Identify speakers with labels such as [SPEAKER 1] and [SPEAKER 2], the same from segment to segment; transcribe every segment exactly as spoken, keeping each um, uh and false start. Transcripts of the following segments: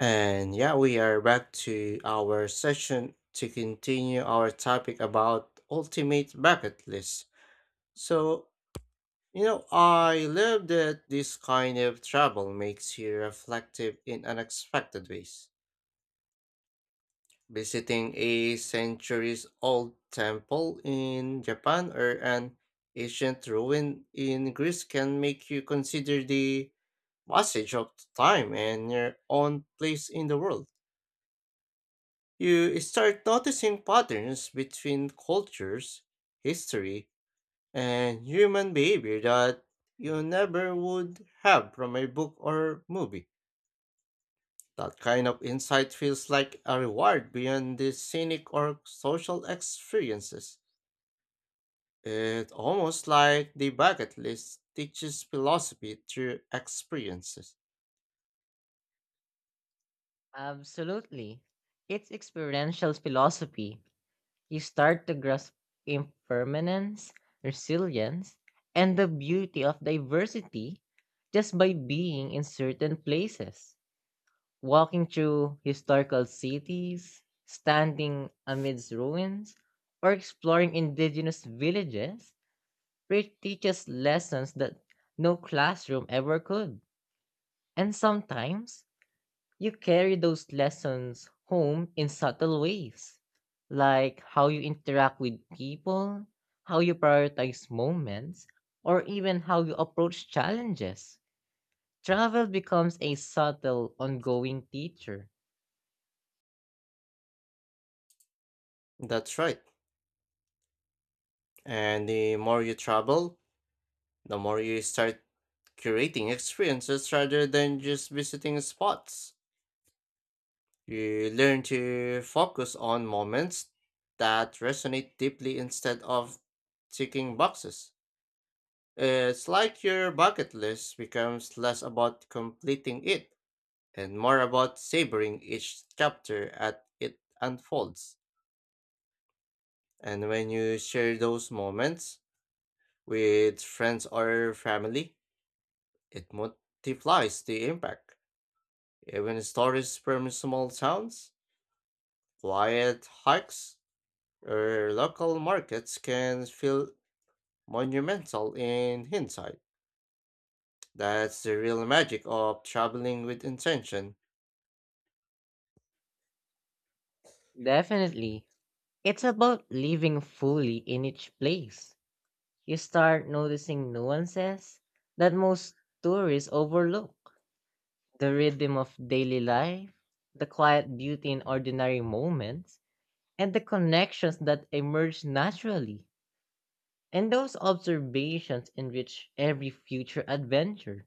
[SPEAKER 1] And yeah, we are back to our session to continue our topic about ultimate bucket list. So, you know, I love that this kind of travel makes you reflective in unexpected ways. Visiting a centuries old temple in Japan or an ancient ruin in Greece can make you consider the passage of time and your own place in the world. You start noticing patterns between cultures, history, and human behavior that you never would have from a book or movie. That kind of insight feels like a reward beyond the scenic or social experiences. It's almost like the bucket list teaches philosophy through experiences.
[SPEAKER 2] Absolutely. It's experiential philosophy. You start to grasp impermanence, resilience, and the beauty of diversity just by being in certain places. Walking through historical cities, standing amidst ruins, or exploring indigenous villages re- teaches lessons that no classroom ever could. And sometimes you carry those lessons home in subtle ways, like how you interact with people, how you prioritize moments, or even how you approach challenges. Travel becomes a subtle, ongoing teacher.
[SPEAKER 1] That's right. And the more you travel, the more you start curating experiences rather than just visiting spots. You learn to focus on moments that resonate deeply instead of ticking boxes. It's like your bucket list becomes less about completing it and more about savoring each chapter as it unfolds. And when you share those moments with friends or family, it multiplies the impact. Even stories from small towns, quiet hikes, or local markets can feel monumental in hindsight. That's the real magic of traveling with intention.
[SPEAKER 2] Definitely. It's about living fully in each place. You start noticing nuances that most tourists overlook the rhythm of daily life, the quiet beauty in ordinary moments, and the connections that emerge naturally. And those observations enrich every future adventure,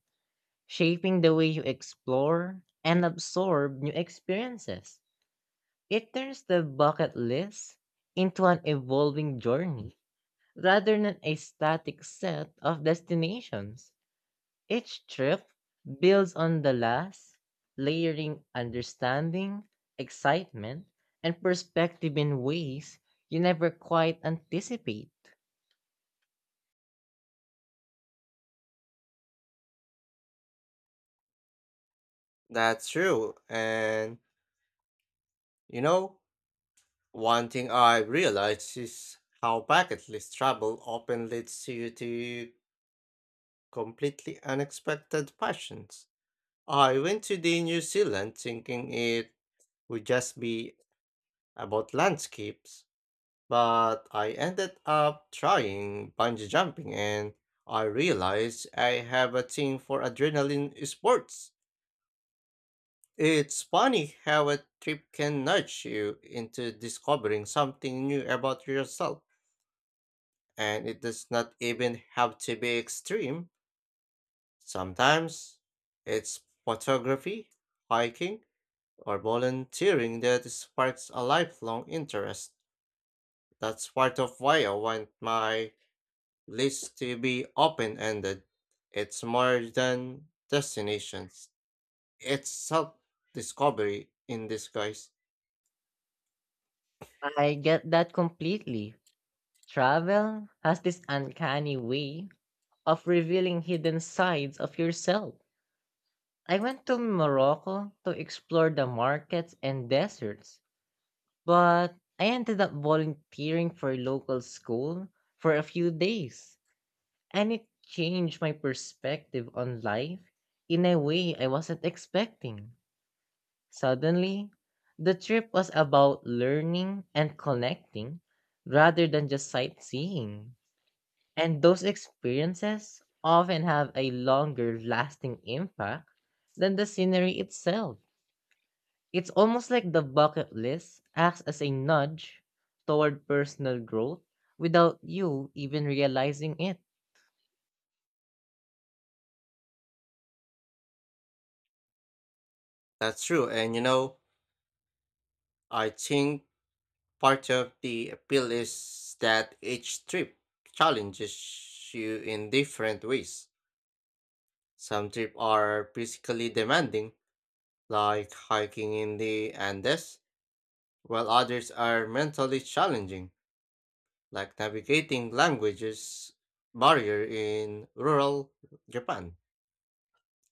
[SPEAKER 2] shaping the way you explore and absorb new experiences. It turns the bucket list into an evolving journey rather than a static set of destinations. Each trip builds on the last, layering understanding, excitement, and perspective in ways you never quite anticipate.
[SPEAKER 1] That's true. And you know, one thing I've realized is how bucket list travel often leads you to completely unexpected passions. I went to the New Zealand thinking it would just be about landscapes, but I ended up trying bungee jumping and I realized I have a thing for adrenaline sports. It's funny how a trip can nudge you into discovering something new about yourself, and it does not even have to be extreme. Sometimes it's photography, hiking, or volunteering that sparks a lifelong interest. That's part of why I want my least to be open-ended. It's more than destinations. It's self-discovery in disguise.
[SPEAKER 2] I get that completely. Travel has this uncanny way of revealing hidden sides of yourself. I went to Morocco to explore the markets and deserts, but I ended up volunteering for a local school for a few days, and it changed my perspective on life in a way I wasn't expecting. Suddenly, the trip was about learning and connecting rather than just sightseeing. And those experiences often have a longer lasting impact than the scenery itself. It's almost like the bucket list acts as a nudge toward personal growth without you even realizing it.
[SPEAKER 1] That's true. And you know, I think part of the appeal is that each trip challenges you in different ways. Some trips are physically demanding, like hiking in the Andes, while others are mentally challenging like navigating languages barrier in rural Japan,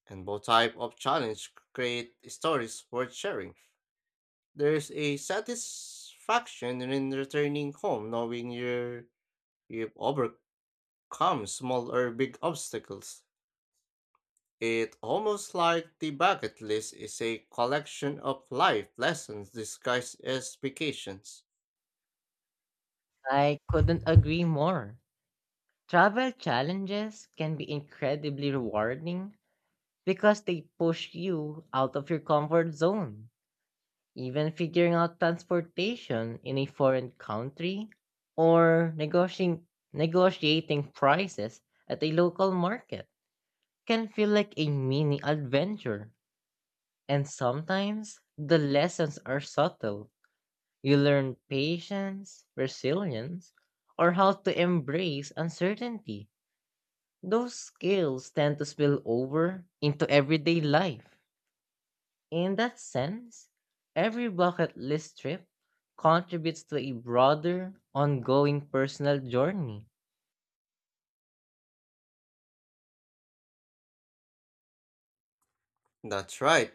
[SPEAKER 1] and both type of challenge create stories worth sharing. There's a satisfaction in returning home knowing you you've overcome small or big obstacles. It almost like the bucket list is a collection of life lessons disguised as vacations.
[SPEAKER 2] I couldn't agree more. Travel challenges can be incredibly rewarding because they push you out of your comfort zone. Even figuring out transportation in a foreign country or negotiating, negotiating prices at a local market can feel like a mini adventure. And sometimes the lessons are subtle. You learn patience, resilience, or how to embrace uncertainty. Those skills tend to spill over into everyday life. In that sense, every bucket list trip contributes to a broader, ongoing personal journey.
[SPEAKER 1] That's right.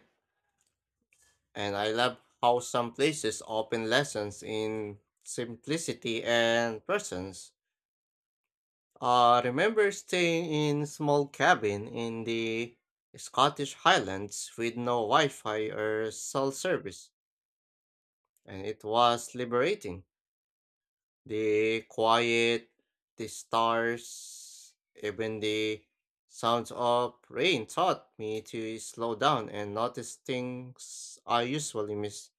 [SPEAKER 1] And I love how some places open lessons in simplicity and presence. I remember staying in small cabin in the Scottish Highlands with no Wi-Fi or cell service, and it was liberating. The quiet, the stars, even the sounds of rain taught me to slow down and notice things I usually miss.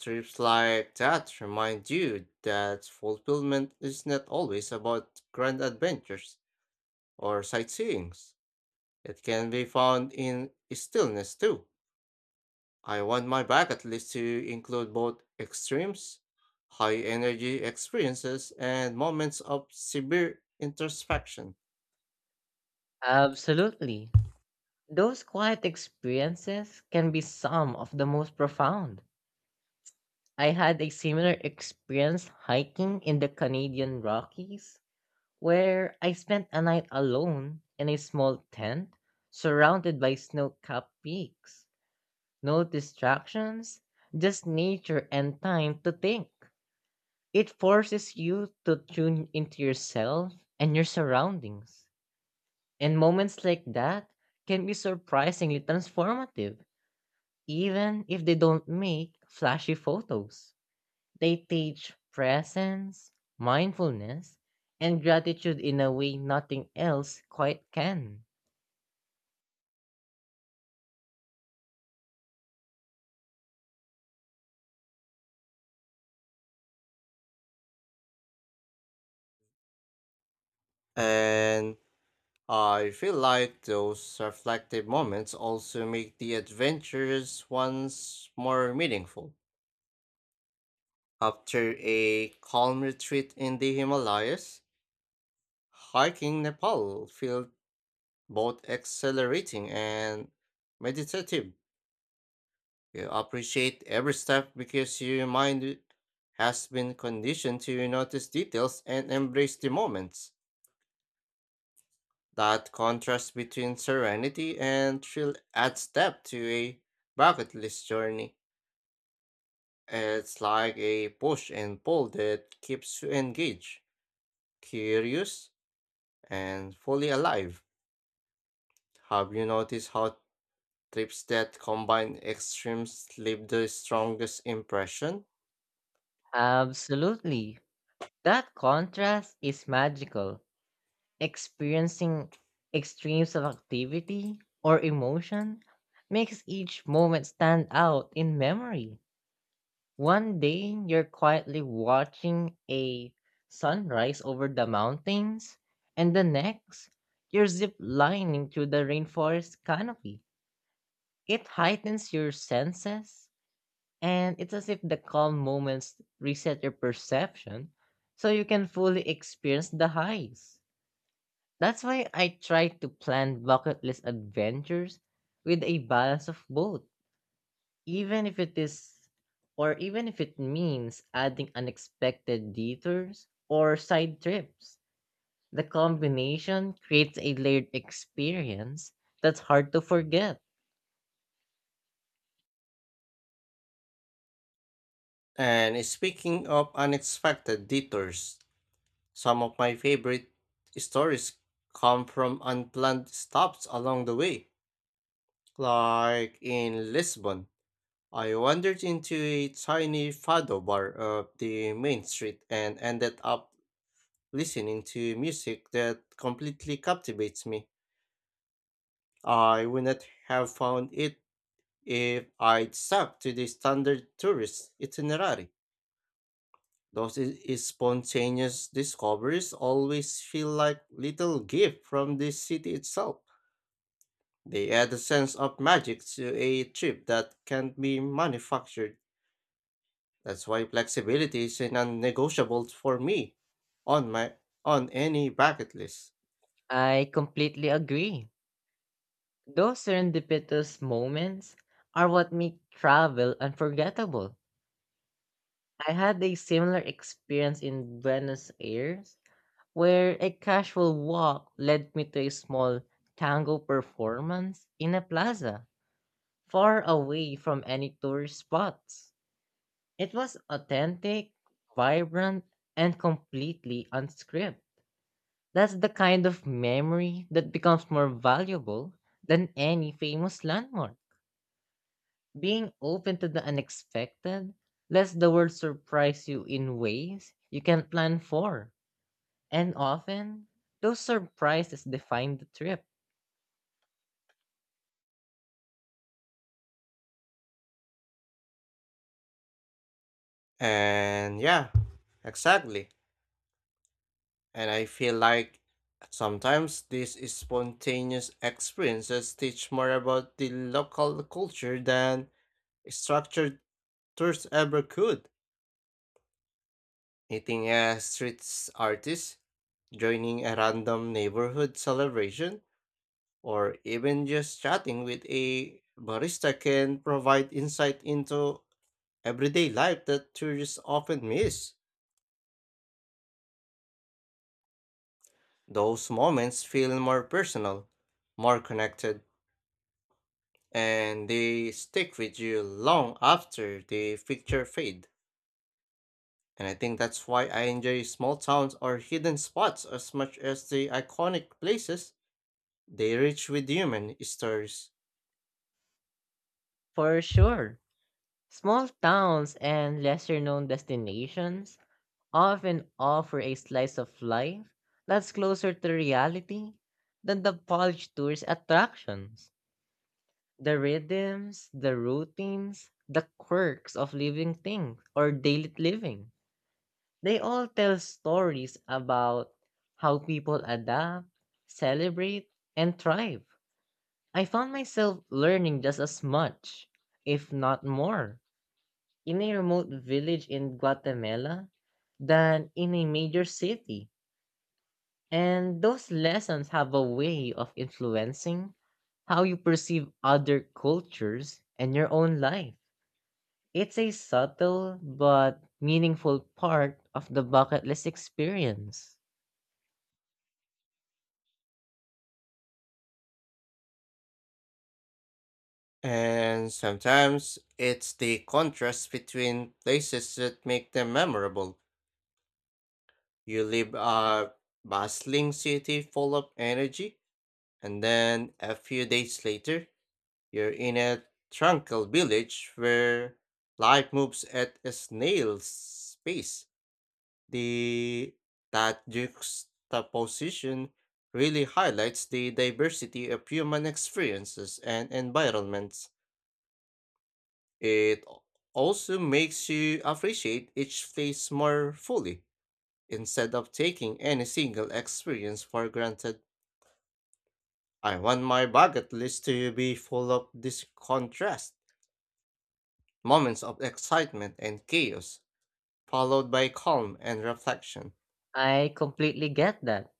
[SPEAKER 1] Trips like that remind you that fulfillment is not always about grand adventures or sightseeing. It can be found in stillness too. I want my bucket list to include both extremes, high energy experiences, and moments of severe introspection.
[SPEAKER 2] Absolutely. Those quiet experiences can be some of the most profound. I had a similar experience hiking in the Canadian Rockies, where I spent a night alone in a small tent surrounded by snow capped peaks. No distractions, just nature and time to think. It forces you to tune into yourself and your surroundings. And moments like that can be surprisingly transformative, even if they don't make flashy photos. They teach presence, mindfulness, and gratitude in a way nothing else quite can.
[SPEAKER 1] And I feel like those reflective moments also make the adventurous ones more meaningful. After a calm retreat in the Himalayas, hiking Nepal felt both exhilarating and meditative. You appreciate every step because your mind has been conditioned to notice details and embrace the moments. That contrast between serenity and thrill adds depth to a bucket list journey. It's like a push and pull that keeps you engaged, curious, and fully alive. Have you noticed how trips that combine extremes leave the strongest impression?
[SPEAKER 2] Absolutely. That contrast is magical. Experiencing extremes of activity or emotion makes each moment stand out in memory. One day, you're quietly watching a sunrise over the mountains, and the next, you're zip lining through the rainforest canopy. It heightens your senses, and it's as if the calm moments reset your perception so you can fully experience the highs. That's why I try to plan bucket list adventures with a balance of both, even if it is or even if it means adding unexpected detours or side trips. The combination creates a layered experience that's hard to forget.
[SPEAKER 1] And speaking of unexpected detours, some of my favorite stories come from unplanned stops along the way. Like in Lisbon, I wandered into a tiny fado bar up the main street and ended up listening to music that completely captivates me. I would not have found it if I'd stuck to the standard tourist itinerary. Those i- i- spontaneous discoveries always feel like little gifts from the city itself. They add a sense of magic to a trip that can't be manufactured. That's why flexibility is a non-negotiable for me on my on any bucket list.
[SPEAKER 2] I completely agree. Those serendipitous moments are what make travel unforgettable. I had a similar experience in Buenos Aires where a casual walk led me to a small tango performance in a plaza, far away from any tourist spots. It was authentic, vibrant, and completely unscripted. That's the kind of memory that becomes more valuable than any famous landmark. Being open to the unexpected lets the world surprise you in ways you can't plan for. And often, those surprises define the trip.
[SPEAKER 1] And yeah, exactly. And I feel like sometimes these spontaneous experiences teach more about the local culture than structured tours ever could. Meeting a street s- artist, joining a random neighborhood celebration, or even just chatting with a barista can provide insight into everyday life that tourists often miss. Those moments feel more personal, more connected and they stick with you long after the picture fade. And I think that's why I enjoy small towns or hidden spots as much as the iconic places they rich with human stories.
[SPEAKER 2] For sure. Small towns and lesser known destinations often offer a slice of life that's closer to reality than the polished tourist attractions. The rhythms, the routines, the quirks of living things or daily living. They all tell stories about how people adapt, celebrate, and thrive. I found myself learning just as much, if not more in a remote village in Guatemala than in a major city. And those lessons have a way of influencing how you perceive other cultures and your own life. It's a subtle but meaningful part of the bucket list experience.
[SPEAKER 1] And sometimes it's the contrast between places that make them memorable. You leave a bustling city full of energy, and then a few days later, you're in a tranquil village where life moves at a snail's pace. The That juxtaposition really highlights the diversity of human experiences and environments. It also makes you appreciate each place more fully instead of taking any single experience for granted. I want my bucket list to be full of this contrast moments of excitement and chaos, followed by calm and reflection.
[SPEAKER 2] I completely get that.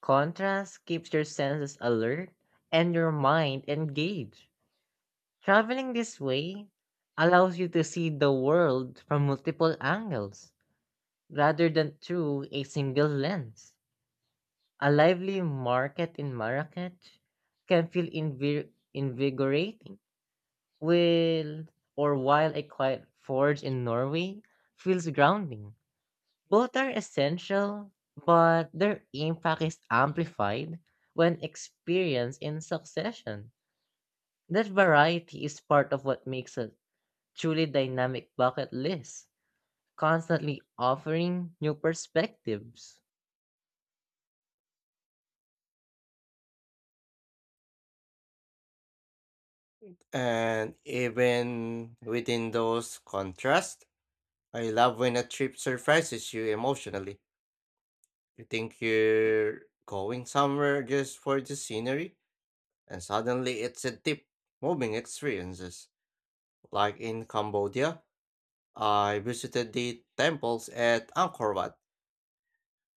[SPEAKER 2] Contrast keeps your senses alert and your mind engaged. Traveling this way allows you to see the world from multiple angles rather than through a single lens. A lively market in Marrakech can feel invir- invigorating, while or while a quiet forge in Norway feels grounding. Both are essential, but their impact is amplified when experienced in succession. That variety is part of what makes a truly dynamic bucket list, constantly offering new perspectives.
[SPEAKER 1] And even within those contrasts, I love when a trip surprises you emotionally. You think you're going somewhere just for the scenery, and suddenly it's a deep, moving experiences. Like in Cambodia, I visited the temples at Angkor Wat,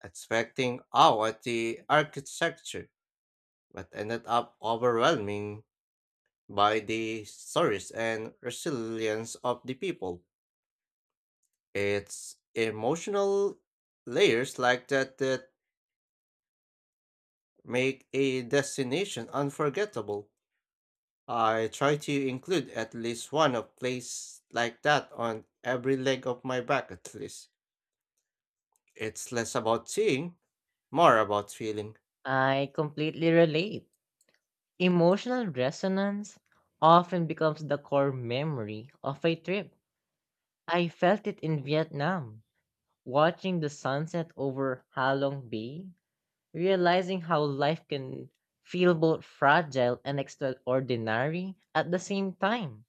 [SPEAKER 1] expecting awe at the architecture, but ended up overwhelming by the stories and resilience of the people. It's emotional layers like that that make a destination unforgettable. I try to include at least one of place like that on every leg of my bucket list. It's less about seeing, more about feeling.
[SPEAKER 2] I completely relate. Emotional resonance often becomes the core memory of a trip. I felt it in Vietnam, watching the sunset over Halong Bay, realizing how life can feel both fragile and extraordinary at the same time.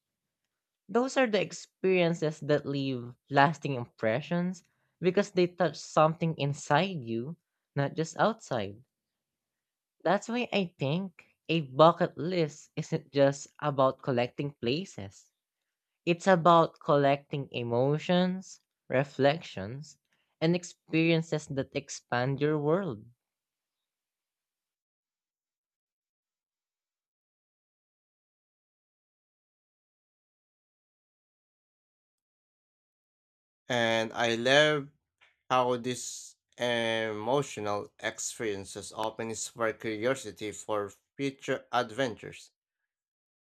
[SPEAKER 2] Those are the experiences that leave lasting impressions because they touch something inside you, not just outside. That's why I think a bucket list isn't just about collecting places. It's about collecting emotions, reflections, and experiences that expand your world.
[SPEAKER 1] And I love how these emotional experiences often spark curiosity for future adventures.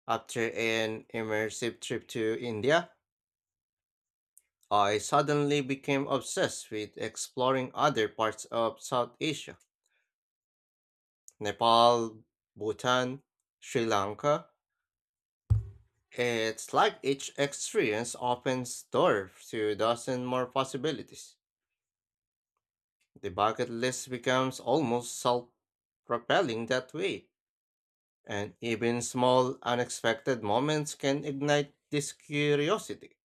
[SPEAKER 1] After an immersive trip to India, I suddenly became obsessed with exploring other parts of South Asia Nepal, Bhutan, Sri Lanka. It's like each experience opens doors to a dozen more possibilities. The bucket list becomes almost self propelling that way, and even small unexpected moments can ignite this curiosity.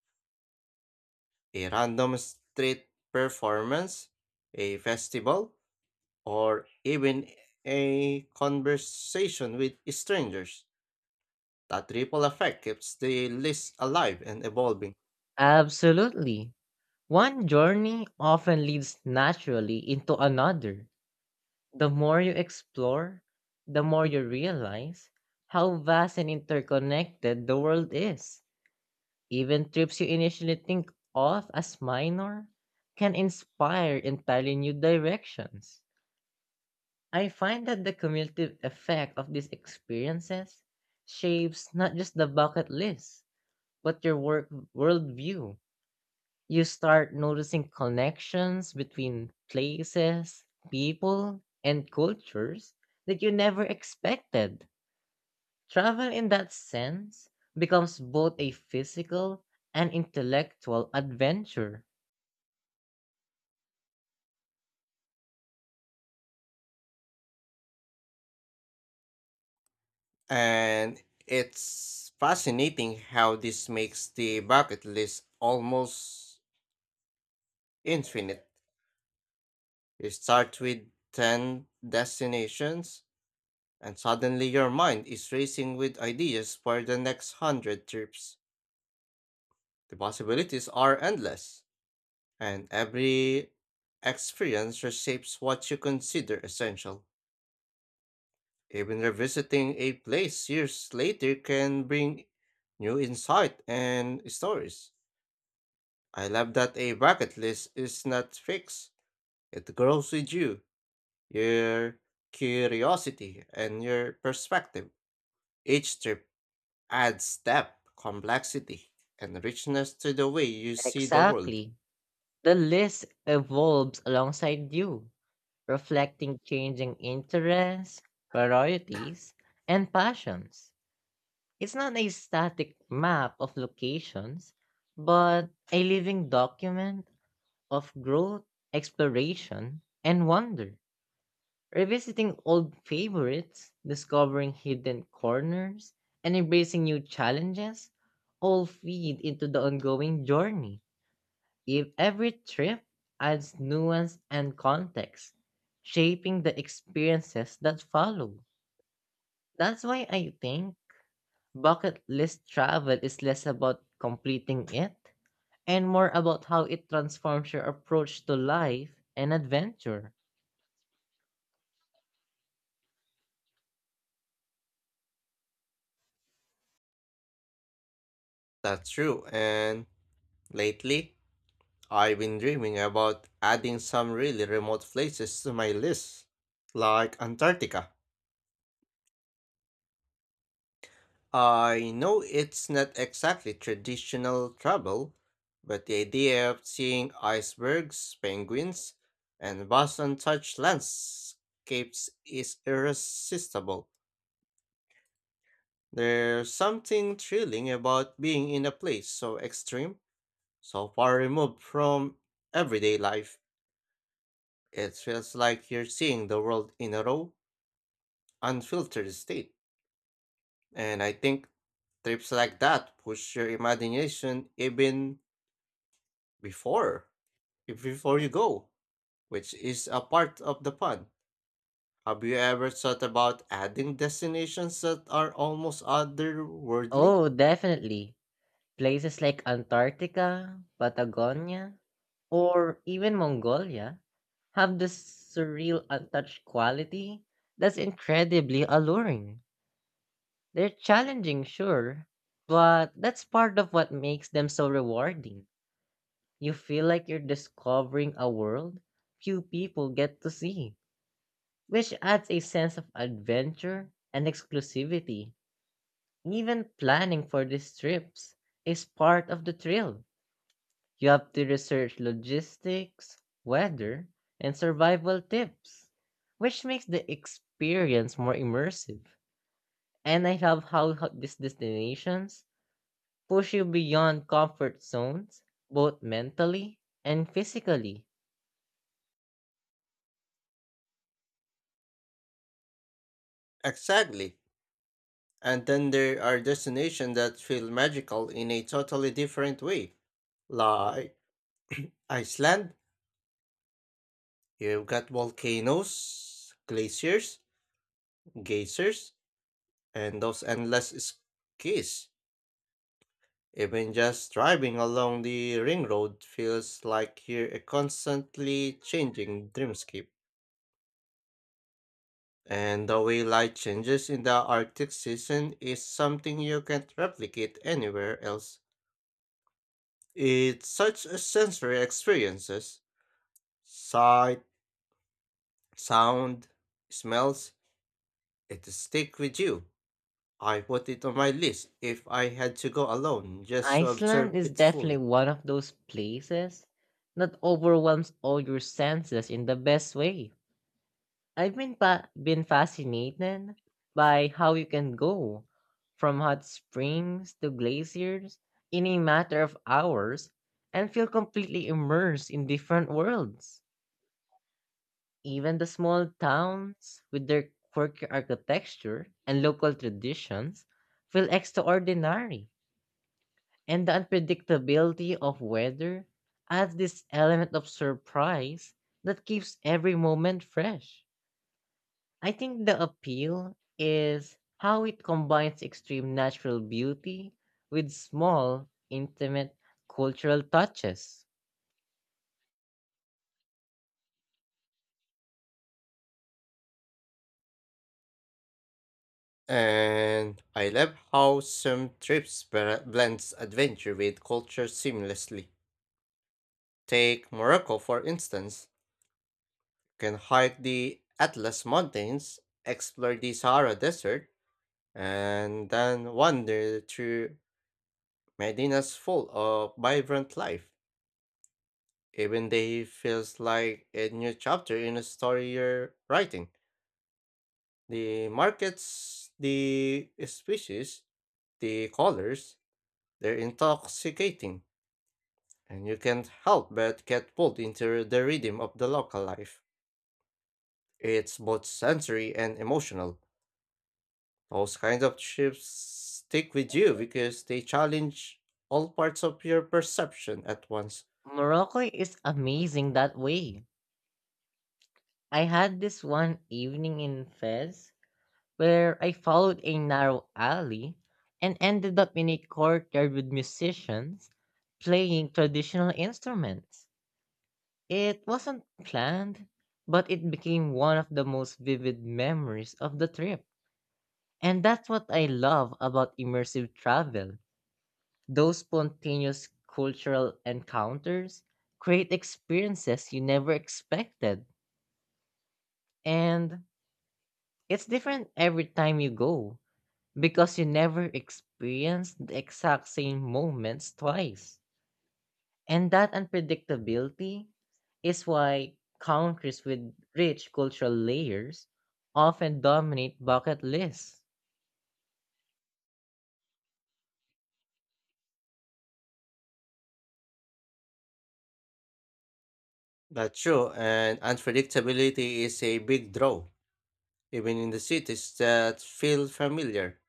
[SPEAKER 1] A random street performance, a festival, or even a conversation with strangers. That ripple effect keeps the list alive and evolving.
[SPEAKER 2] Absolutely. One journey often leads naturally into another. The more you explore, the more you realize how vast and interconnected the world is. Even trips you initially think of as minor can inspire entirely new directions. I find that the cumulative effect of these experiences shapes not just the bucket list, but your work worldview. You start noticing connections between places, people, and cultures that you never expected. Travel, in that sense, becomes both a physical and intellectual adventure.
[SPEAKER 1] And it's fascinating how this makes the bucket list almost infinite. You start with ten destinations, and suddenly your mind is racing with ideas for the next one hundred trips. The possibilities are endless. And every experience reshapes what you consider essential. Even revisiting a place years later can bring new insight and stories. I love that a bucket list is not fixed. It grows with you, your curiosity, and your perspective. Each trip adds depth, complexity, and richness to the way you see the world.
[SPEAKER 2] Exactly. The list evolves alongside you, reflecting changing interests, priorities, and passions. It's not a static map of locations, but a living document of growth, exploration, and wonder. Revisiting old favorites, discovering hidden corners, and embracing new challenges all feed into the ongoing journey. If every trip adds nuance and context, shaping the experiences that follow. That's why I think bucket list travel is less about completing it and more about how it transforms your approach to life and adventure.
[SPEAKER 1] That's true, and lately, I've been dreaming about adding some really remote places to my list, like Antarctica. I know it's not exactly traditional travel, but the idea of seeing icebergs, penguins, and vast untouched landscapes is irresistible. There's something thrilling about being in a place so extreme, so far removed from everyday life. It feels like you're seeing the world in a row unfiltered state. And I think trips like that push your imagination even before if- before you go, which is a part of the fun. Have you ever thought about adding destinations that are almost otherworldly?
[SPEAKER 2] Oh, definitely. Places like Antarctica, Patagonia, or even Mongolia have this surreal untouched quality that's incredibly alluring. They're challenging, sure, but that's part of what makes them so rewarding. You feel like you're discovering a world few people get to see, which adds a sense of adventure and exclusivity. Even planning for these trips is part of the thrill. You have to research logistics, weather, and survival tips, which makes the experience more immersive. And I love how ho- these destinations push you beyond comfort zones, both mentally and physically.
[SPEAKER 1] Exactly. And then there are destinations that feel magical in a totally different way. Like Iceland, you've got volcanoes, glaciers, geysers, and those endless skis, even just driving along the ring road feels like you're a constantly changing dreamscape. And the way light changes in the Arctic season is something you can't replicate anywhere else. It's such a sensory experiences. Sight, sound, smells, it stick with you. I put it on my list if I had to go alone just to observe
[SPEAKER 2] Iceland is
[SPEAKER 1] it
[SPEAKER 2] definitely
[SPEAKER 1] fully.
[SPEAKER 2] one of those places that overwhelms all your senses in the best way. I've been pa- been fascinated by how you can go from hot springs to glaciers in a matter of hours and feel completely immersed in different worlds. Even the small towns with their quirky architecture and local traditions feel extraordinary. And the unpredictability of weather adds this element of surprise that keeps every moment fresh. I think the appeal is how it combines extreme natural beauty with small, intimate cultural touches.
[SPEAKER 1] And I love how some trips bra- blends adventure with culture seamlessly. Take Morocco for instance. You can hike the Atlas Mountains, explore the Sahara Desert, and then wander through Medina's full of vibrant life. Even day feels like a new chapter in a story you're writing. The markets, the species, the colors, they're intoxicating and you can't help but get pulled into the rhythm of the local life. It's both sensory and emotional. Those kinds of trips stick with you because they challenge all parts of your perception at once.
[SPEAKER 2] Morocco is amazing that way. I had this one evening in Fez where I followed a narrow alley and ended up in a courtyard with musicians playing traditional instruments. It wasn't planned, but it became one of the most vivid memories of the trip. And that's what I love about immersive travel. Those spontaneous cultural encounters create experiences you never expected. And it's different every time you go, because you never experienced the exact same moments twice. And that unpredictability is why countries with rich cultural layers often dominate bucket lists.
[SPEAKER 1] That's true, and unpredictability is a big draw, even in the cities that feel familiar.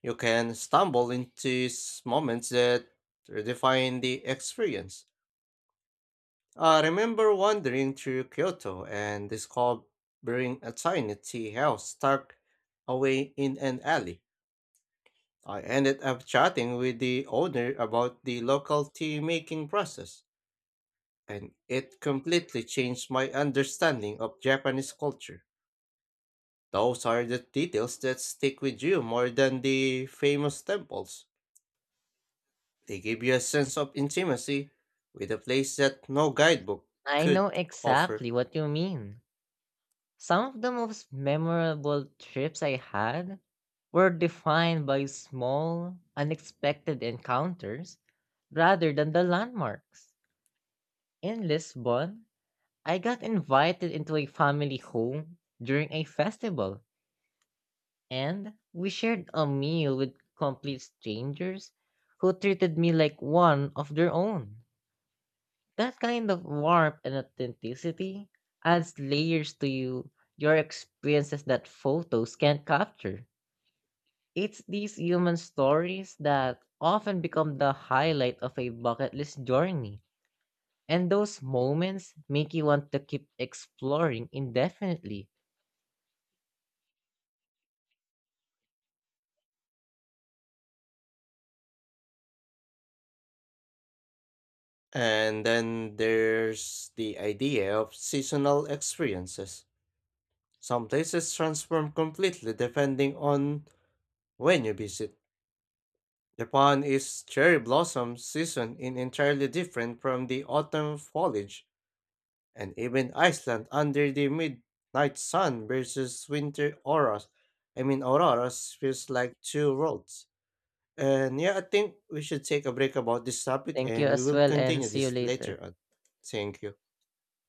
[SPEAKER 1] You can stumble into s- moments that redefine the experience. I remember wandering through Kyoto and discovering a tiny tea house tucked away in an alley. I ended up chatting with the owner about the local tea making process, and it completely changed my understanding of Japanese culture. Those are the details that stick with you more than the famous temples. They give you a sense of intimacy with a place that no guidebook
[SPEAKER 2] I know
[SPEAKER 1] could offer.
[SPEAKER 2] exactly what you mean. Some of the most memorable trips I had were defined by small, unexpected encounters rather than the landmarks. In Lisbon, I got invited into a family home during a festival, and we shared a meal with complete strangers who treated me like one of their own. That kind of warmth and authenticity adds layers to you, your experiences that photos can't capture. It's these human stories that often become the highlight of a bucket list journey, and those moments make you want to keep exploring indefinitely.
[SPEAKER 1] And then there's the idea of seasonal experiences. Some places transform completely depending on when you visit. Japan is cherry blossom season in entirely different from the autumn foliage, and even Iceland under the midnight sun versus winter auras. I mean auroras feels like two worlds. And yeah, I think we should take a break about this topic
[SPEAKER 2] Thank you
[SPEAKER 1] and we
[SPEAKER 2] as
[SPEAKER 1] will
[SPEAKER 2] well and
[SPEAKER 1] continue
[SPEAKER 2] see you
[SPEAKER 1] this later
[SPEAKER 2] later.
[SPEAKER 1] on. Thank you.